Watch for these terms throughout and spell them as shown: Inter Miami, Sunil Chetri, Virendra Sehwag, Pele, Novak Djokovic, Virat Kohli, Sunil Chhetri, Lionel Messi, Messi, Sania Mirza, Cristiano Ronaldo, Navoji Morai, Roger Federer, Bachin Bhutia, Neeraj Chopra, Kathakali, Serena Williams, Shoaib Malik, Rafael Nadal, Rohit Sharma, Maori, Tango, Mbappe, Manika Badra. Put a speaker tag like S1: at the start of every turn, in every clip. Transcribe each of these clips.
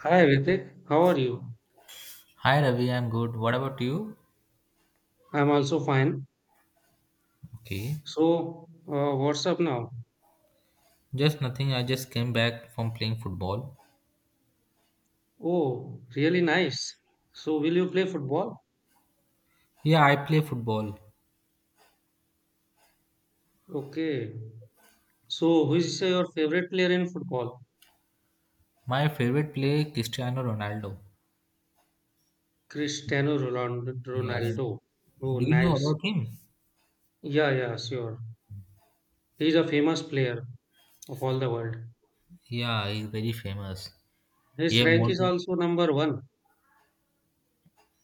S1: Hi Ritik, how are you?
S2: Hi Ravi, I'm good. What about you?
S1: I'm also fine.
S2: Okay.
S1: So, what's up now?
S2: Just nothing. I just came back from playing football.
S1: Oh, really nice. So, will you play football?
S2: Yeah, I play football.
S1: Okay. So, who is your favorite player in football?
S2: My favorite player Cristiano Ronaldo.
S1: Cristiano Ronaldo.
S2: Yeah.
S1: Ronaldo. Oh,
S2: Do you know
S1: nice.
S2: about him?
S1: Yeah, yeah, sure. He's a famous player of all the world.
S2: Yeah, he's very famous. He
S1: His
S2: have
S1: rank
S2: more
S1: is
S2: than
S1: also number one.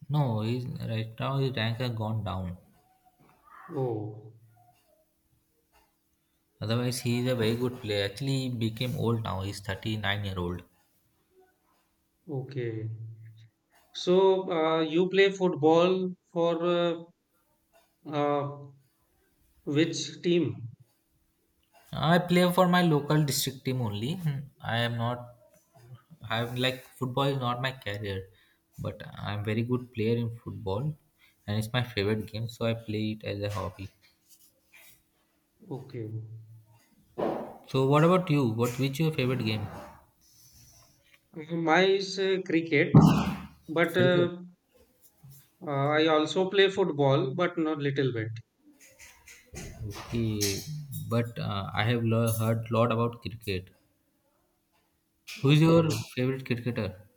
S2: No, he's right now his rank has gone down.
S1: Oh,
S2: Otherwise he is a very good player. Actually he became old now, he's 39 year old.
S1: okay. So, you play football for uh, which team?
S2: I play for my local district team only. Hmm. I'm like football is not my career, but I'm very good player in football, and it's my favorite game. So I play it as a hobby.
S1: Okay.
S2: So what about you? What Which your favorite game?
S1: Mine is cricket, but
S2: Cricket.
S1: I also play football, but not little bit.
S2: Okay, but I have heard lot about cricket. Who is your
S1: Okay.
S2: favorite cricketer?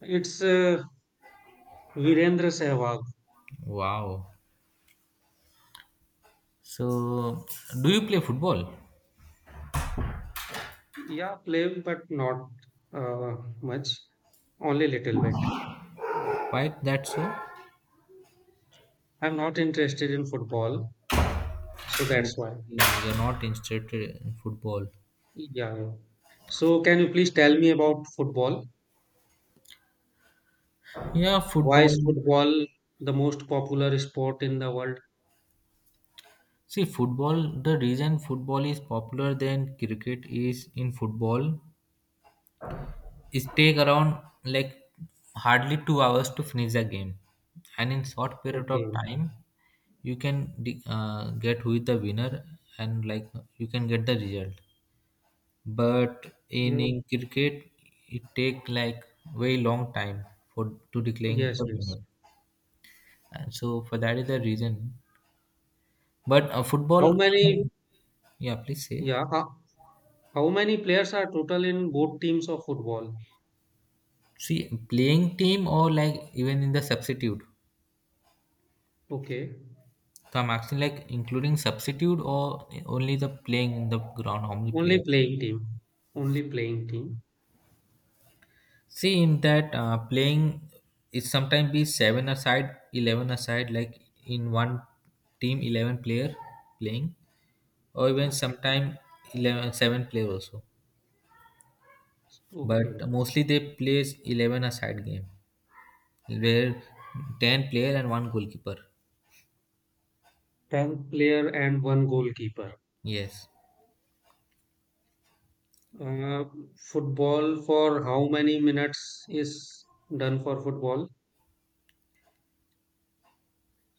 S1: It's Virendra Sehwag.
S2: Wow. So do you play football?
S1: Yeah, play, but not much. Only little bit.
S2: Why that so?
S1: I'm not interested in football, so
S2: You-
S1: that's why.
S2: You're not interested in football.
S1: Yeah, yeah. So can you please tell me about football?
S2: Yeah,
S1: Why is
S2: football.
S1: football the most popular sport in the world?
S2: See, football, the reason football is popular than cricket is in football, it take around like hardly 2 hours to finish the game. And in short period of
S1: Okay.
S2: time, you can get who is the winner and like you can get the result. But in,
S1: Mm,
S2: in cricket, it take like very long time for to declaring
S1: yes,
S2: the
S1: yes.
S2: winner. And so for that is the reason. But
S1: How
S2: football,
S1: many?
S2: yeah, please say.
S1: Yeah. How many players are total in both teams of football?
S2: See, playing team or like even in the substitute.
S1: Okay.
S2: So I'm asking like including substitute or only the playing in the ground, how many
S1: Only
S2: players?
S1: playing team. Only playing team.
S2: See, in that playing, it sometimes be seven aside, 11 aside, like in one team, 11 player playing, or even
S1: Okay.
S2: sometime 11 7 player also.
S1: Okay.
S2: But mostly they plays 11 aside game where 10 player and one goalkeeper.
S1: 10 player and one goalkeeper.
S2: Yes,
S1: Uh, football for how many minutes is done for football?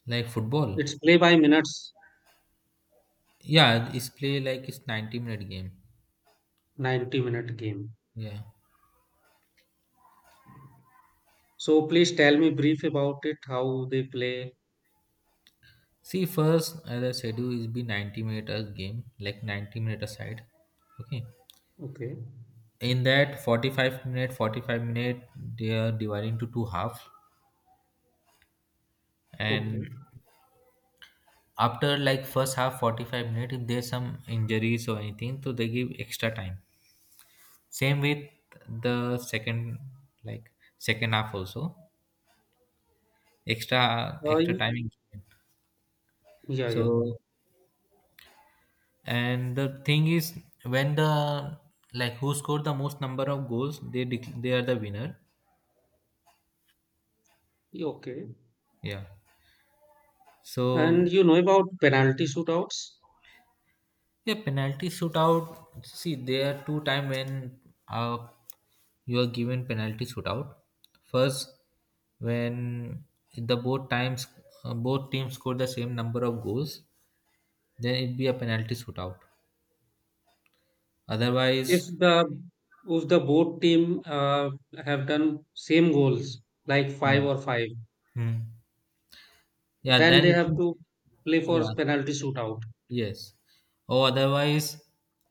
S2: like
S1: It's
S2: football.
S1: play by minutes,
S2: Yeah, it's play like it's 90-minute game.
S1: 90-minute game.
S2: Yeah.
S1: So please tell me brief about it, how they play.
S2: See, first the schedule is be 90 minute a game, like 90-minute aside. Okay.
S1: Okay.
S2: In that 45-minute, they are divided into two half. And
S1: Okay.
S2: after like first half, 45-minute, if there's some injuries or anything, so they give extra time. Same with the second, like second half also, extra
S1: Uh,
S2: extra
S1: y-
S2: time is given.
S1: yeah, yeah.
S2: So, and the thing is, when the like who scored the most number of goals, they are the winner.
S1: Okay.
S2: Yeah. So
S1: And you know about penalty shootouts?
S2: yeah, penalty shootout. See, there are two time when uh, you are given penalty shootout. First, when the both times both teams score the same number of goals, then it be a penalty shootout.
S1: if
S2: Otherwise,
S1: the if the both team have done same goals like five
S2: yeah.
S1: or five,
S2: Hmm. Yeah,
S1: then
S2: then
S1: they have
S2: it,
S1: to play for
S2: yeah.
S1: penalty shootout.
S2: Yes. Or otherwise,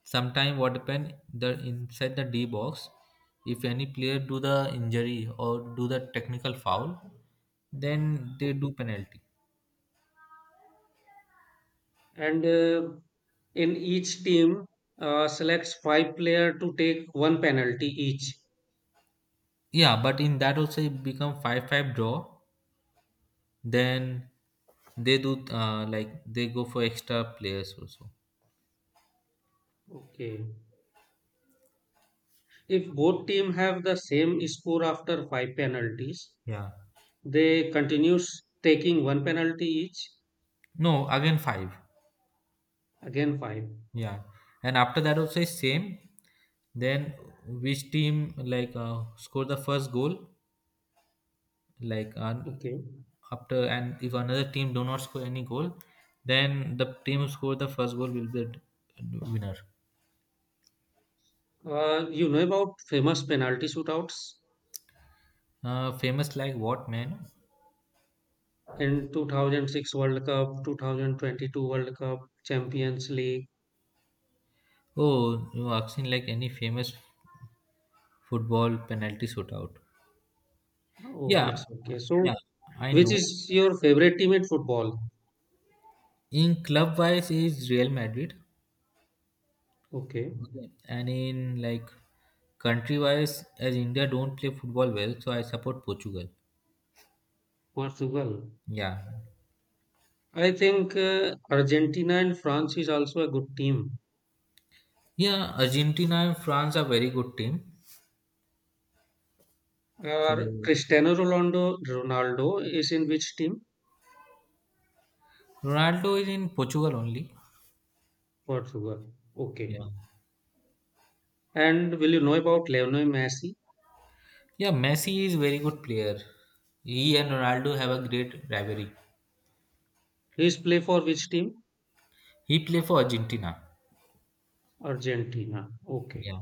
S2: sometime what happen the inside the D box, if any player do the injury or do the technical foul, then they do
S1: Okay.
S2: penalty.
S1: And in each team selects five player to take one penalty each.
S2: Yeah, but in that also it become five five draw. Then they do like they go for extra players also.
S1: Okay. If both team have the same score after five penalties,
S2: Yeah.
S1: they continues taking one penalty each.
S2: No, again five.
S1: Again five.
S2: Yeah, and after that also is same. Then which team like score the first goal like
S1: Okay.
S2: after and if another team do not score any goal then the team who score the first goal will be the winner.
S1: You know about famous penalty shootouts
S2: Famous like what man?
S1: in 2006 World Cup, 2022 World Cup, Champions League?
S2: Oh you asking like any famous football penalty shootout?
S1: Oh,
S2: Yeah,
S1: it's okay. So,
S2: yeah, I
S1: which
S2: know.
S1: is your favorite team at football?
S2: In club wise is Real Madrid.
S1: Okay,
S2: Okay, and in like country wise as India don't play football well so I support Portugal.
S1: Portugal.
S2: Yeah,
S1: I think Argentina and France is also a good team.
S2: yeah, Argentina and France are very good team.
S1: Or
S2: So
S1: Cristiano Ronaldo, Ronaldo is in which team?
S2: Ronaldo is in Portugal only.
S1: Portugal.
S2: Yeah.
S1: Okay. And will you know about Lionel Messi?
S2: Yeah, Messi is very good player. He and Ronaldo have a great rivalry.
S1: He's play for which team?
S2: He play for Argentina.
S1: Argentina. Okay.
S2: Yeah.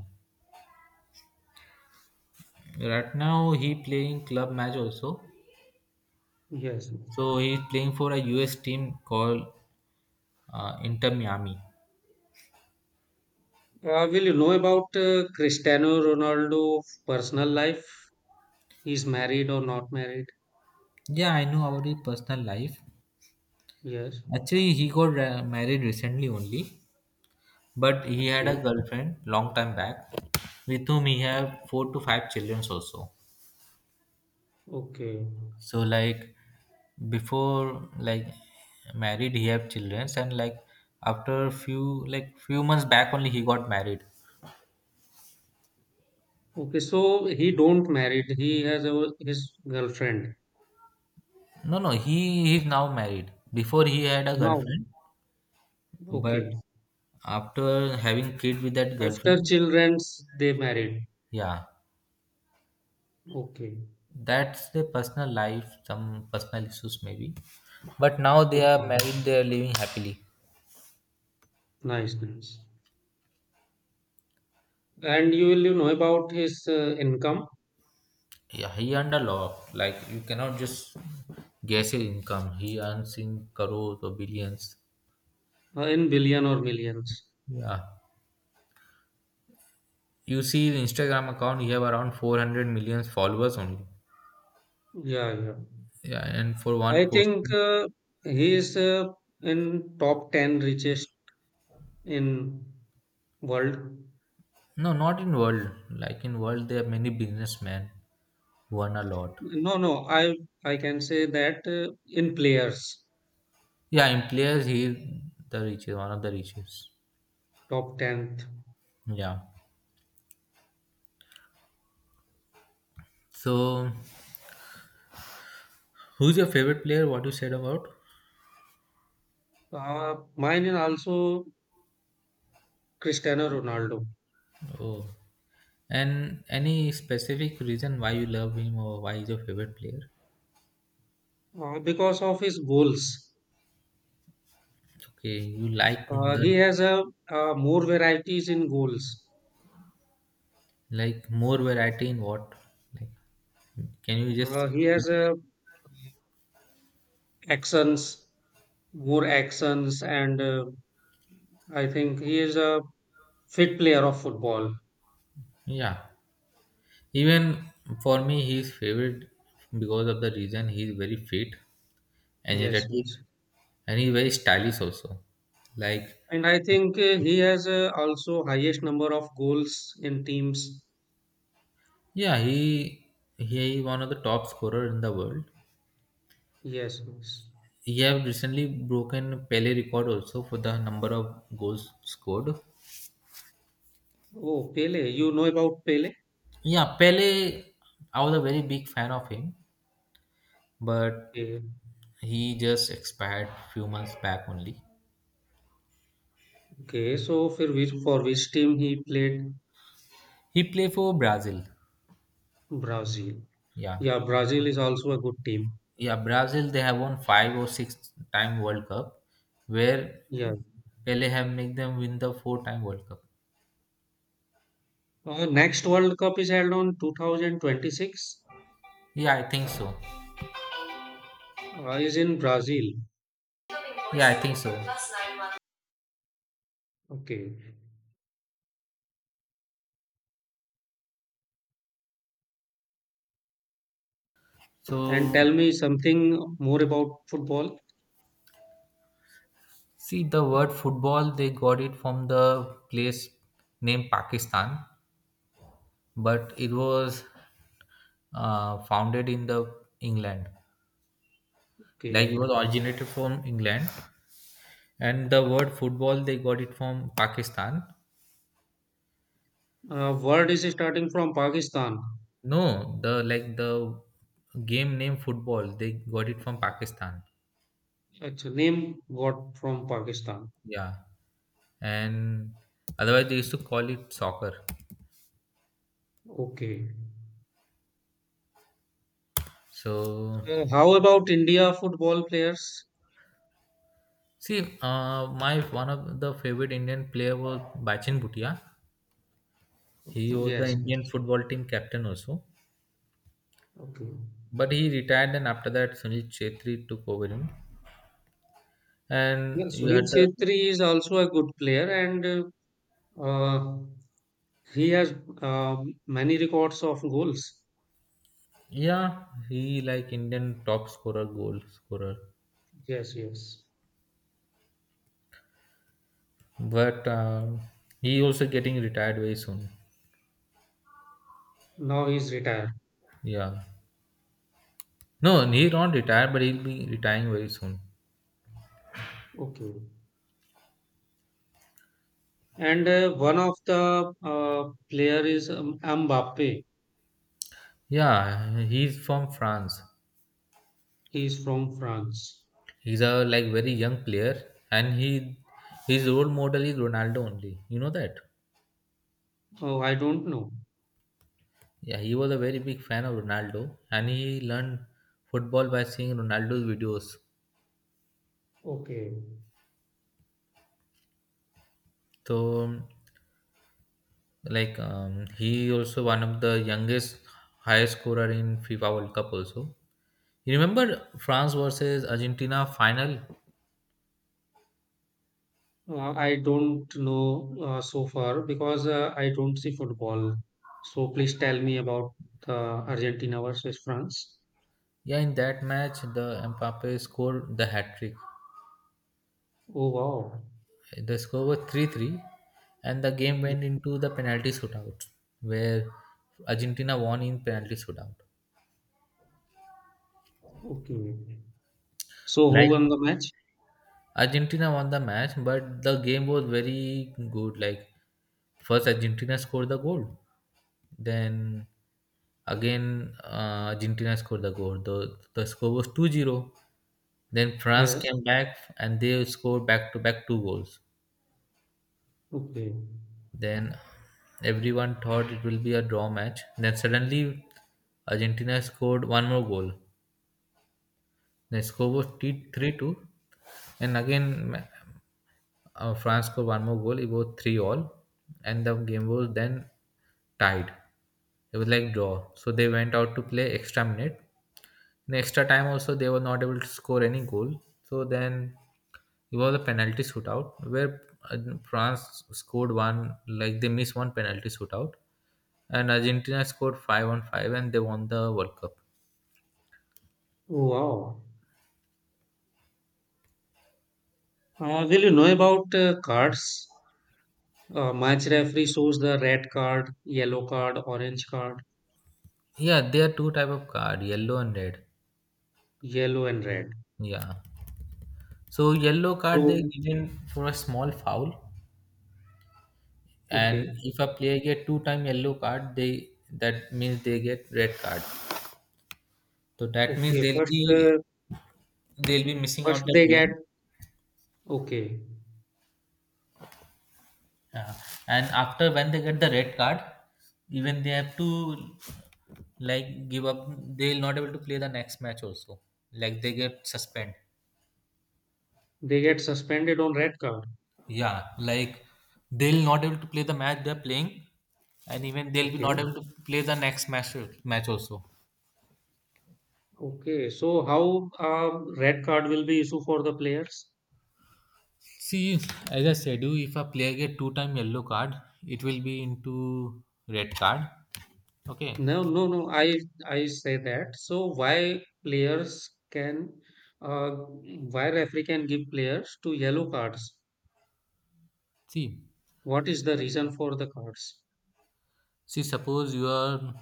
S2: Right now he playing club match also.
S1: Yes, yes.
S2: So he is playing for a US team called Inter Miami.
S1: Will you know about Cristiano Ronaldo personal life? He's married or not married?
S2: Yeah, I know about his personal life.
S1: Yes.
S2: Actually, he got married recently only, but he had
S1: Okay.
S2: a girlfriend long time back, with whom he have four to five children also.
S1: Okay.
S2: So like before like married he have children and like after few like few months back only he got married.
S1: Okay. So he don't married. He has a, his girlfriend
S2: No, no, he is now married, before he had a
S1: now.
S2: girlfriend, but
S1: Okay.
S2: after having kid with that
S1: After
S2: girlfriend,
S1: childrens, they married.
S2: yeah,
S1: Okay.
S2: that's their personal life, some personal issues maybe, but now they
S1: Okay.
S2: are married, they are living happily.
S1: Nice. Nice. And you will you know about his income
S2: Yeah, he earned a lot, like you cannot just guess his income, he earns in crores or billions.
S1: in billion or millions?
S2: Yeah. You see the Instagram account, you have around 400 million followers only.
S1: Yeah. Yeah.
S2: Yeah, and for one
S1: I
S2: post.
S1: think he is in top 10 richest in world.
S2: No, not in world. Like in world, there are many businessmen who earn a lot.
S1: No, no, I can say that in players
S2: Yeah, in players, he the richest, one of the richest.
S1: top 10th.
S2: Yeah. So, who's your favorite player? What you said about?
S1: Mine is also Cristiano Ronaldo
S2: Oh. And any specific reason why you love him or why he's your favorite player?
S1: because of his goals.
S2: Okay, you like
S1: He
S2: the
S1: has a more varieties in goals.
S2: like more variety in what? Like, can you just?
S1: He
S2: Yeah.
S1: has a actions, more actions, and I think he is a fit player of football.
S2: Yeah, even for me, he's favorite because of the reason he's very fit,
S1: Yes,
S2: energetic,
S1: yes.
S2: and he's very stylish also. Like,
S1: And I think he has also highest number of goals in teams.
S2: yeah, he is one of the top scorer in the world.
S1: Yes, yes.
S2: He have recently broken Pele record also for the number of goals scored.
S1: Oh, Pele, you know about Pele?
S2: Yeah, Pele, I was a very big fan of him, but
S1: Okay,
S2: he just expired few months back only.
S1: okay. So, for which team he played?
S2: He play for Brazil.
S1: Brazil.
S2: Yeah,
S1: Yeah, Brazil is also a good team.
S2: Yeah, Brazil they have won five or six time World Cup, where
S1: Yeah.
S2: Pele have make them win the four time World Cup.
S1: Next World Cup is held on 2026.
S2: Yeah, I think so.
S1: Is in Brazil.
S2: Yeah, I think so.
S1: Okay. And tell
S2: So
S1: me something more about football.
S2: see the word football they got it from the place named Pakistan, but it was founded in the England. Like
S1: Okay.
S2: it was originated from England, and the word football they got it from Pakistan.
S1: World is starting from Pakistan.
S2: No, the like the game name football, they got it from Pakistan.
S1: Its name got from Pakistan.
S2: Yeah. And otherwise they used to call it soccer.
S1: Okay.
S2: So
S1: How about India football players?
S2: see, my one of the favorite Indian player was Bachin Bhutia. He was the
S1: Yes.
S2: Indian football team captain also.
S1: Okay.
S2: But he retired and after that Sunil Chetri took over him. And
S1: Well,
S2: you
S1: Sunil
S2: had the
S1: Chhetri is also a good player, and uh, he has uh, many records of goals.
S2: yeah, he like Indian top scorer, goal scorer.
S1: Yes, yes.
S2: But he also getting retired very soon.
S1: Now he's retired.
S2: Yeah. No, he not retired, but he'll be retiring very soon.
S1: Okay. And one of the player is Mbappe.
S2: Yeah, he's from France.
S1: He is from France.
S2: He's a like very young player, and he his role model is Ronaldo only. You know that?
S1: Oh, I don't know.
S2: Yeah, he was a very big fan of Ronaldo, and he learned football by seeing Ronaldo's videos.
S1: Okay.
S2: So, like, he also one of the youngest highest scorer in FIFA World Cup also. You remember France versus Argentina final?
S1: I don't know so far because I don't see football. So please tell me about Argentina versus France.
S2: Yeah, in that match, the Mbappe scored the hat trick.
S1: Oh, wow.
S2: The score was 3-3, and the game went into the penalty shootout, where Argentina won in penalty shootout.
S1: Okay. So who
S2: Like
S1: won the match?
S2: Argentina won the match, but the game was very good. Like first, Argentina scored the goal, then again Argentina scored the goal. The score was 2-0. Then France
S1: Yes.
S2: came back and they scored back to back two goals.
S1: Okay.
S2: Then everyone thought it will be a draw match. Then suddenly Argentina scored one more goal. The score was 3-2. And France scored one more goal. It was 3 all. And the game was then tied. It was like draw. So they went out to play extra minute. In extra time also they were not able to score any goal. So then it was a penalty shootout where uh, France scored one like they missed one penalty shootout and Argentina scored five on five, and they won the World Cup.
S1: Oh, wow. Will you know about cards? Match referee shows the red card, yellow card, orange card,
S2: Yeah, there are two type of card, yellow and red.
S1: yellow and red.
S2: Yeah. So yellow card
S1: So.
S2: they given for a small foul, and
S1: Okay.
S2: if a player get two time yellow card, they that means they get red card. So that means
S1: Okay,
S2: they'll
S1: first,
S2: be they'll be missing
S1: first
S2: out that
S1: they get
S2: game.
S1: okay,
S2: Yeah. And after when they get the red card, even they have to like give up. They'll not able to play the next match also. Like they get suspend.
S1: they get suspended on red card.
S2: Yeah, like they'll not able to play the match they're playing, and even they'll be
S1: Okay,
S2: not able to play the next match also.
S1: okay. So how red card will be issued for the players?
S2: See, as I said, you if a player get two time yellow card, it will be into red card. Okay.
S1: No, no, no. I say that. So why players can, uh, why referee can give players to yellow cards?
S2: See,
S1: What is the reason for the cards?
S2: see, suppose you are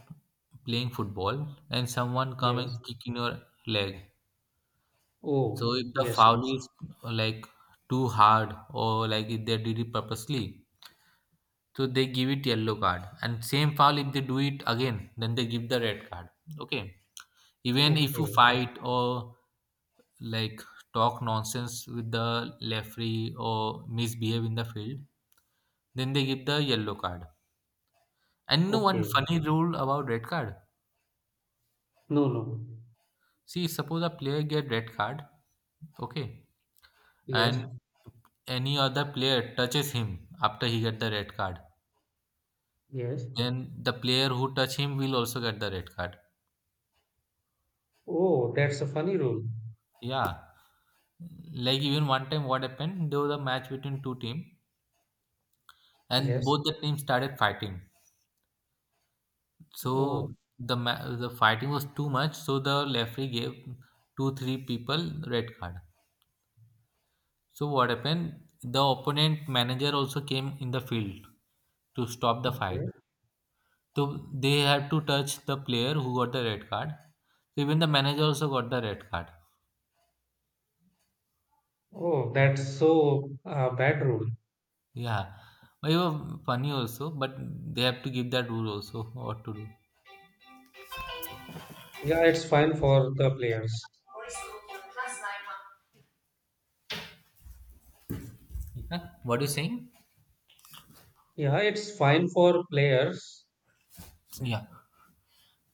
S2: playing football and someone come and
S1: Yes.
S2: kick in your leg. So
S1: Oh,
S2: if the
S1: yes,
S2: foul
S1: yes.
S2: is like too hard or like if they did it purposely, so they give it yellow card. And same foul if they do it again, then they give the red card. Okay. Even if you
S1: Okay.
S2: fight or like talk nonsense with the referee or misbehave in the field, then they give the yellow card. And no one
S1: Okay.
S2: funny rule about red card.
S1: No, no.
S2: See, suppose a player get red card, okay,
S1: Yes.
S2: and any other player touches him after he get the red card,
S1: Yes.
S2: then the player who touch him will also get the red card.
S1: Oh, that's a funny rule.
S2: Yeah, like even one time what happened, there was a match between two teams and
S1: Yes.
S2: both the teams started fighting, so
S1: Oh,
S2: the fighting was too much, so the referee gave two three people red card. So what happened, the opponent manager also came in the field to stop the fight.
S1: okay.
S2: So they had to touch the player who got the red card, so even the manager also got the red card.
S1: Oh, that's so bad rule.
S2: Yeah, but it was funny also, but they have to give that rule also, what to do.
S1: Yeah, it's fine for the players.
S2: Yeah. What you saying?
S1: Yeah, it's fine for players.
S2: Yeah.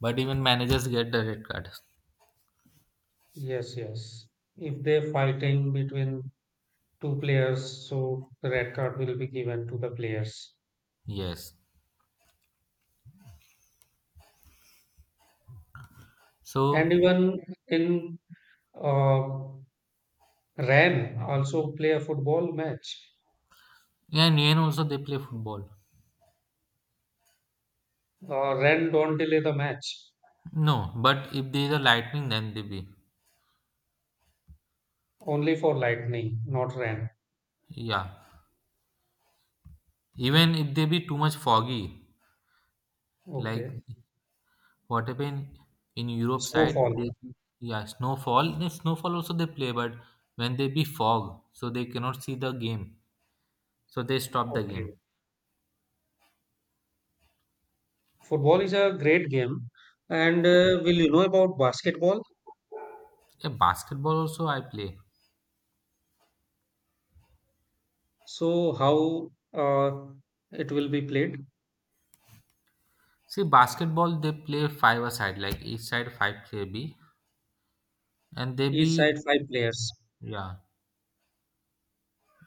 S2: But even managers get the red card.
S1: Yes, yes. If they're fighting between two players, so the red card will be given to the players.
S2: Yes.
S1: And
S2: So
S1: even in uh, RAN, also play a football match.
S2: yeah, in Iran also they play football.
S1: Ran don't delay the match,
S2: No, but if there is a lightning, then they be.
S1: only for lightning, not RAN.
S2: Yeah. Even if they be too much foggy, like
S1: Okay.
S2: what happened in Europe side,
S1: Snowfall.
S2: they. Yeah, snowfall. The snowfall also they play, but when they be fog, so they cannot see the game, so they stop the game.
S1: Okay. Football is a great game. And Will you know about basketball?
S2: Yeah, basketball also I play.
S1: So how it will be played?
S2: See, basketball they play five a side, like each side five player be, and they
S1: Each
S2: be.
S1: side five players.
S2: Yeah,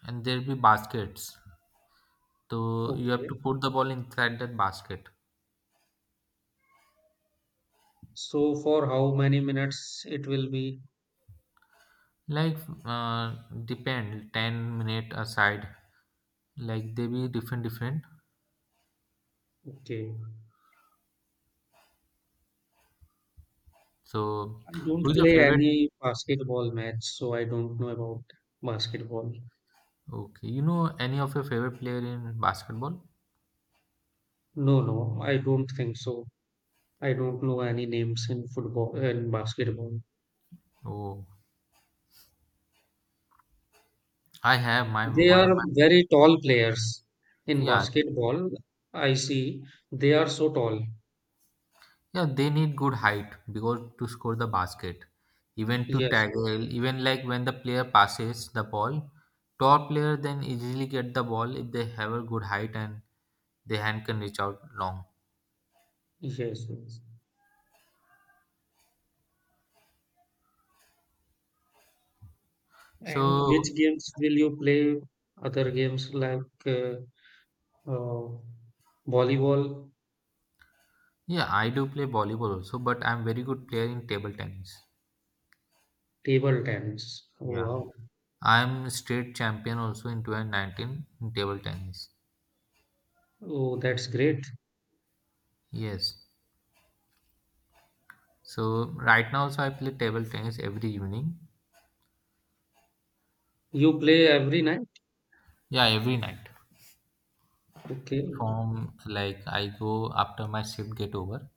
S2: and there be baskets. So you have to
S1: Okay.
S2: put the ball inside that basket.
S1: So for how many minutes it will be?
S2: Like uh, depend 10 minute a side, like they be different different.
S1: Okay.
S2: So,
S1: I don't
S2: who's your
S1: play
S2: favorite?
S1: any basketball match, so I don't know about basketball.
S2: Okay, you know any of your favorite player in basketball?
S1: No, no, I don't think so. I don't know any names in football and basketball.
S2: Oh, I have my
S1: They
S2: one of
S1: are
S2: my.
S1: very tall players. In
S2: Yeah.
S1: basketball, I see they are so tall.
S2: Yeah, they need good height because to score the basket, even to
S1: Yes,
S2: tackle, even like when the player passes the ball, top player then easily get the ball if they have a good height and their hand can reach out long.
S1: yes, yes, yes. And which
S2: So
S1: games will you play? Other games like uh, volleyball?
S2: yeah, I do play volleyball also, but I'm very good player in table tennis.
S1: Table tennis. Oh,
S2: Yeah,
S1: wow.
S2: I'm state champion also in 2019 in table tennis.
S1: Oh, that's great.
S2: Yes. So right now also I play table tennis every evening.
S1: You play every night?
S2: Yeah, every night.
S1: Okay.
S2: From like, I go after my shift get over,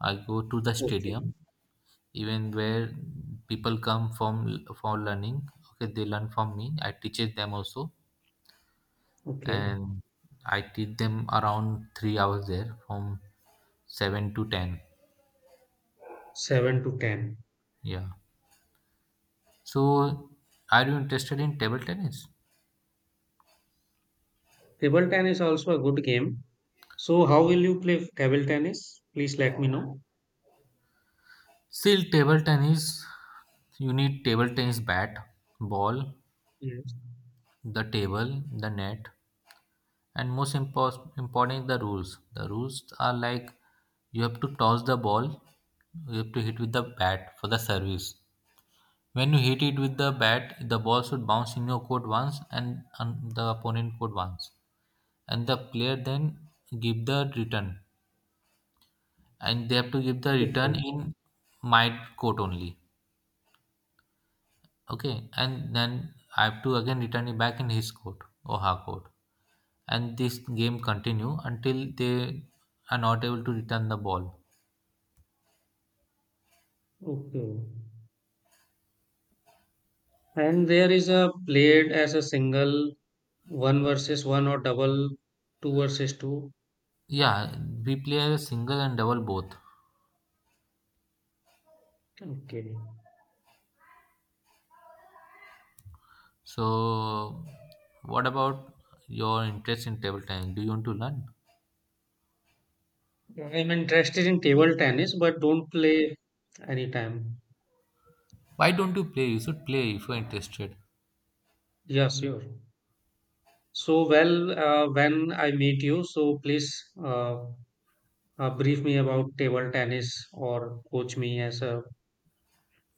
S2: I go to the
S1: Okay.
S2: stadium, even where people come from for learning. Okay, they learn from me. I teach them also,
S1: Okay.
S2: and I teach them around 3 hours there, from 7 to 10.
S1: 7 to 10.
S2: Yeah. So, are you interested in table tennis?
S1: Table tennis is also a good game. So how will you play table tennis? Please let me know.
S2: Still, table tennis. You need table tennis bat, ball,
S1: Yes.
S2: the table, the net. And most important is the rules. The rules are like you have to toss the ball, you have to hit with the bat for the service. When you hit it with the bat, the ball should bounce in your court once and on the opponent court once. And the player then give the return. And they have to give the return
S1: Okay.
S2: in my court only. Okay. And then I have to again return it back in his court or her court. And this game continue until they are not able to return the ball.
S1: Okay. And there is a played as a single, one versus one or double, two versus two.
S2: Yeah, we play a single and double both.
S1: Okay.
S2: So, what about your interest in table tennis? Do you want to learn?
S1: I'm interested in table tennis, but don't play anytime.
S2: Why don't you play? You should play if you're interested.
S1: Yeah, sure. So, well, when I meet you, so please uh, brief me about table tennis or coach me as a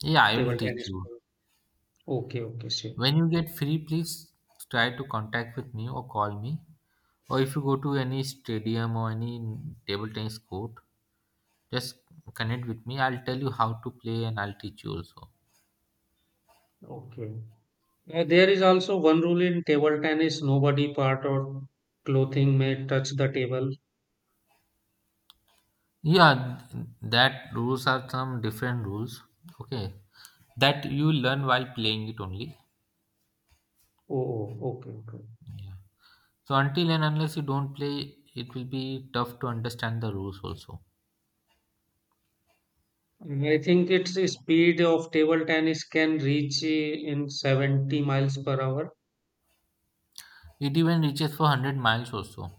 S2: Yeah, I
S1: table
S2: will teach
S1: tennis
S2: you.
S1: player. Okay, okay, sure.
S2: When you get free, please try to contact with me or call me. Or if you go to any stadium or any table tennis court, just connect with me. I'll tell you how to play and I'll teach you also.
S1: Okay. There is also one rule in table tennis, nobody part or clothing may touch the table.
S2: Yeah, that rules are some different rules. Okay, that you learn while playing it only.
S1: Oh, oh, okay, okay.
S2: Yeah. So until and unless you don't play, it will be tough to understand the rules. Also,
S1: And I think its speed of table tennis can reach in 70 miles per hour.
S2: it even reaches for 100 miles also.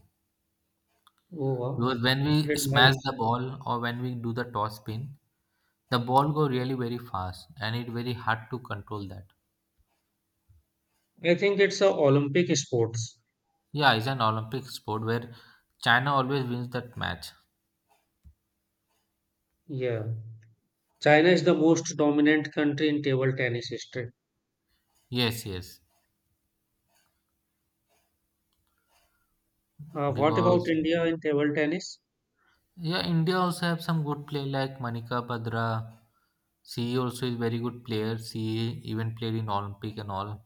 S1: Oh,
S2: Because
S1: wow.
S2: when we
S1: 100
S2: smash
S1: miles.
S2: the ball or when we do the toss spin, the ball go really very fast, and it very hard to control that.
S1: I think it's a Olympic sports.
S2: Yeah, it's an Olympic sport where China always wins that match.
S1: Yeah. China is the most dominant country in table tennis history.
S2: Yes, yes,
S1: What about
S2: because.
S1: India in table tennis?
S2: Yeah, India also have some good play like Manika Badra. She also is very good player. She even played in Olympic and all.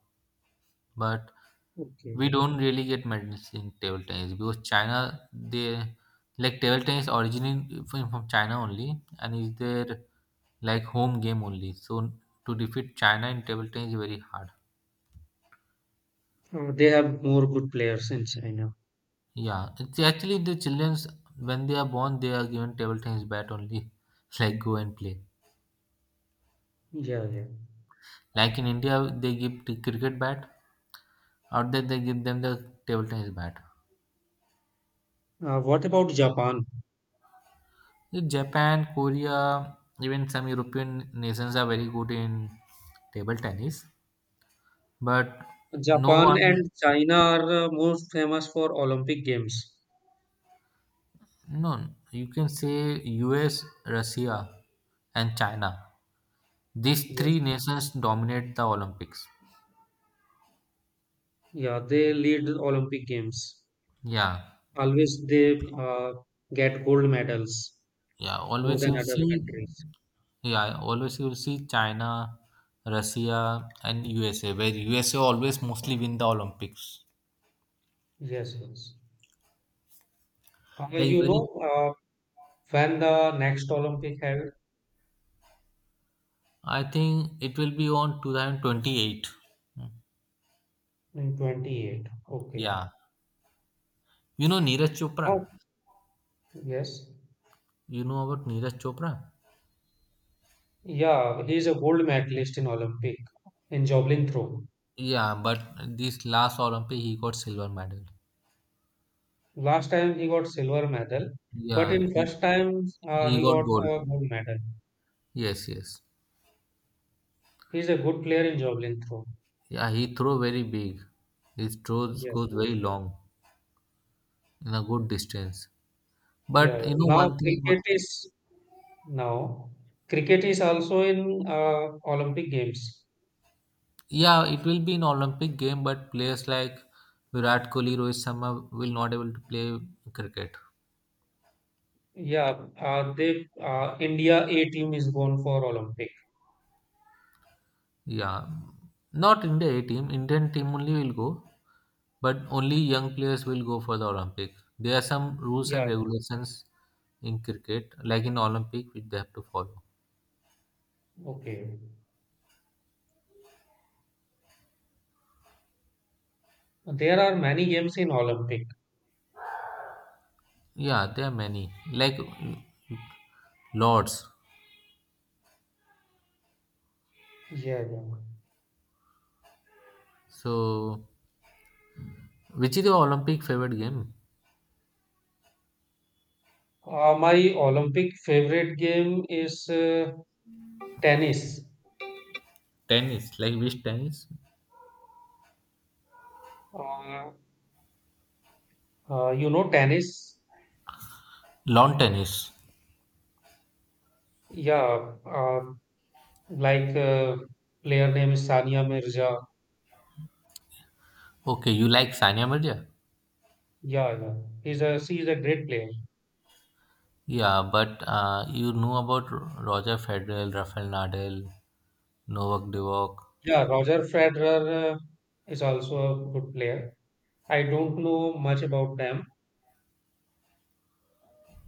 S2: But
S1: Okay.
S2: we don't really get medals in table tennis because China they, like, table tennis originated from China only and is their, like, home game only. So to defeat China in table tennis is very hard.
S1: They have more good players in China.
S2: Yeah, it's actually the childrens when they are born they are given table tennis bat only like, go and play.
S1: Yeah, yeah.
S2: Like in India, they give the cricket bat. Out there, they give them the table tennis bat.
S1: What about Japan?
S2: In Japan, Korea, even some European nations are very good in table tennis. But no
S1: Japan
S2: one,
S1: and China are most famous for Olympic Games.
S2: no, you can say US, Russia, and China. These three
S1: Yes.
S2: nations dominate the Olympics.
S1: Yeah, they lead the Olympic Games.
S2: Yeah,
S1: Always they get gold medals
S2: yeah.
S1: more
S2: Always
S1: than
S2: you'll
S1: other
S2: see,
S1: countries.
S2: yeah. Always you'll see China, Russia, and USA, where USA always mostly win the Olympics.
S1: Yes, yes. Uh,
S2: Like
S1: you know,
S2: very,
S1: when the next Olympic have?
S2: I think it will be on 2028.
S1: In 28. Okay.
S2: Yeah. You know Neeraj Chopra?
S1: Oh, yes.
S2: You know about Neeraj Chopra?
S1: Yeah, he's a gold medalist in Olympic in javelin throw.
S2: Yeah, but this last Olympic he got silver medal.
S1: Last time he got silver medal, but
S2: Yeah,
S1: in
S2: he,
S1: first time
S2: he
S1: he
S2: got
S1: got
S2: gold.
S1: a gold medal.
S2: Yes, yes.
S1: He's a good player in javelin throw.
S2: Yeah, he throw very big. His throws
S1: Yes,
S2: goes very
S1: yes.
S2: long in a good distance.
S1: Yeah, yeah.
S2: But you know
S1: Now
S2: one thing about.
S1: cricket is now cricket is also in Olympic games.
S2: Yeah, it will be an Olympic game, but players like Virat Kohli, Rohit Sharma will not able to play cricket.
S1: Yeah, they India A team is going for Olympic.
S2: Yeah, not India A team. Indian team only will go, but only young players will go for the Olympic. There are some rules and
S1: Yeah,
S2: regulations in cricket, like in Olympic, which they have to follow.
S1: yeah. Okay. There are many games in Olympic.
S2: Yeah, there are many, like lots.
S1: Yeah, yeah.
S2: So, which is your Olympic favorite game?
S1: My Olympic favorite game is tennis.
S2: Tennis, like which tennis?
S1: Uh, you know tennis?
S2: Lawn tennis.
S1: Yeah, like player name is Sania Mirza.
S2: Okay, you like Sania Mirza?
S1: Yeah, yeah. He's a she is a great player.
S2: Yeah, but you know about Roger Federer, Rafael Nadal, Novak Djokovic.
S1: Yeah, Roger Federer is also a good player. I don't know much about them.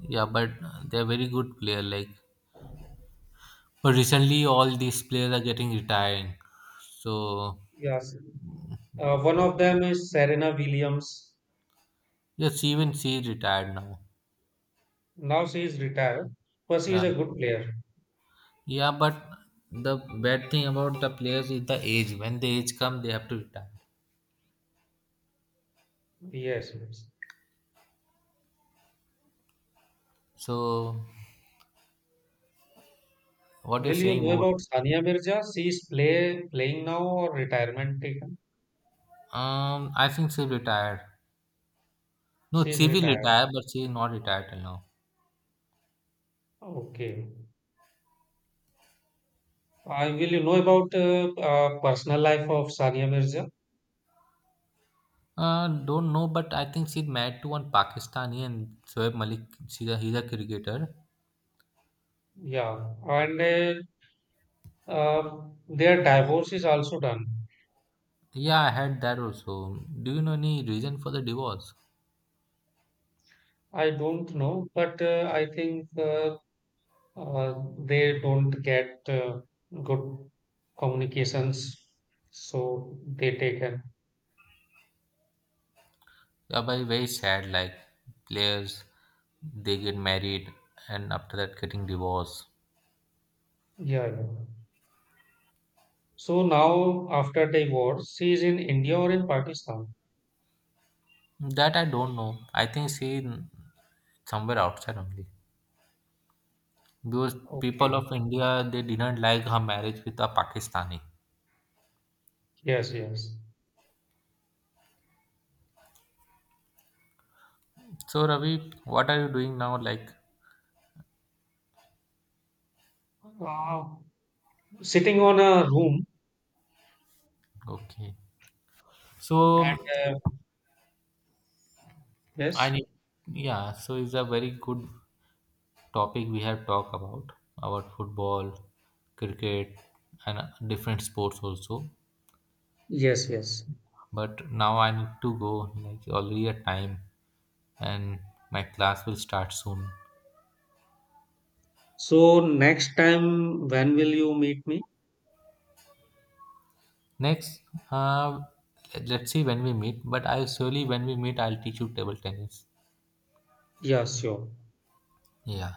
S2: Yeah, but they're very good player. Like, but recently all these players are getting retiring. So
S1: Yes, one of them is Serena Williams.
S2: yes, even she is retired now.
S1: Now she is retired, but she is
S2: Yeah,
S1: a good player.
S2: yeah. But the bad thing about the players is the age. When the age come, they have to retire.
S1: Yes, yes.
S2: So, what you're
S1: Will you
S2: saying
S1: know
S2: more?
S1: about Sania Mirza? She is playing now or retirement taken?
S2: I think she retired. No,
S1: She is
S2: she will
S1: retired.
S2: retire, but she is not retired till now.
S1: Okay. I will you know about personal life of Sania Mirza?
S2: Don't know, but I think she's married to one Pakistani and Shoaib Malik. She's a, he's a cricketer.
S1: Yeah. And uh, their divorce is also done.
S2: Yeah, I had that also. Do you know any reason for the divorce?
S1: I don't know, but I think uh, they don't get good communications, so they take an.
S2: Yeah, but very sad. Like players, they get married and after that getting divorced.
S1: Yeah, yeah. So now after divorce, she is in India or in Pakistan?
S2: That I don't know. I think she somewhere outside only. Because people
S1: Okay.
S2: of India they didn't like her marriage with a Pakistani.
S1: Yes, yes.
S2: So Ravi, what are you doing now? Like,
S1: Uh, sitting on a room
S2: okay.
S1: and
S2: So
S1: uh,
S2: I
S1: yes,
S2: need. Yeah. So, it's a very good topic we have talked about football, cricket, and different sports also,
S1: yes, yes.
S2: but now I need to go, like, already a time, and my class will start soon.
S1: So next time, when will you meet me?
S2: Next, uh, let's see when we meet, but I, surely when we meet, I'll teach you table tennis.
S1: Yeah, sure.
S2: Yeah.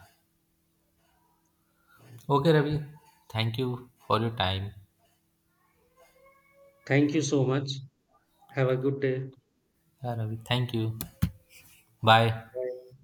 S2: Okay, Ravi, thank you for your time.
S1: Thank you so much. Have a good day.
S2: Yeah, Ravi, thank you. Bye.
S1: Bye.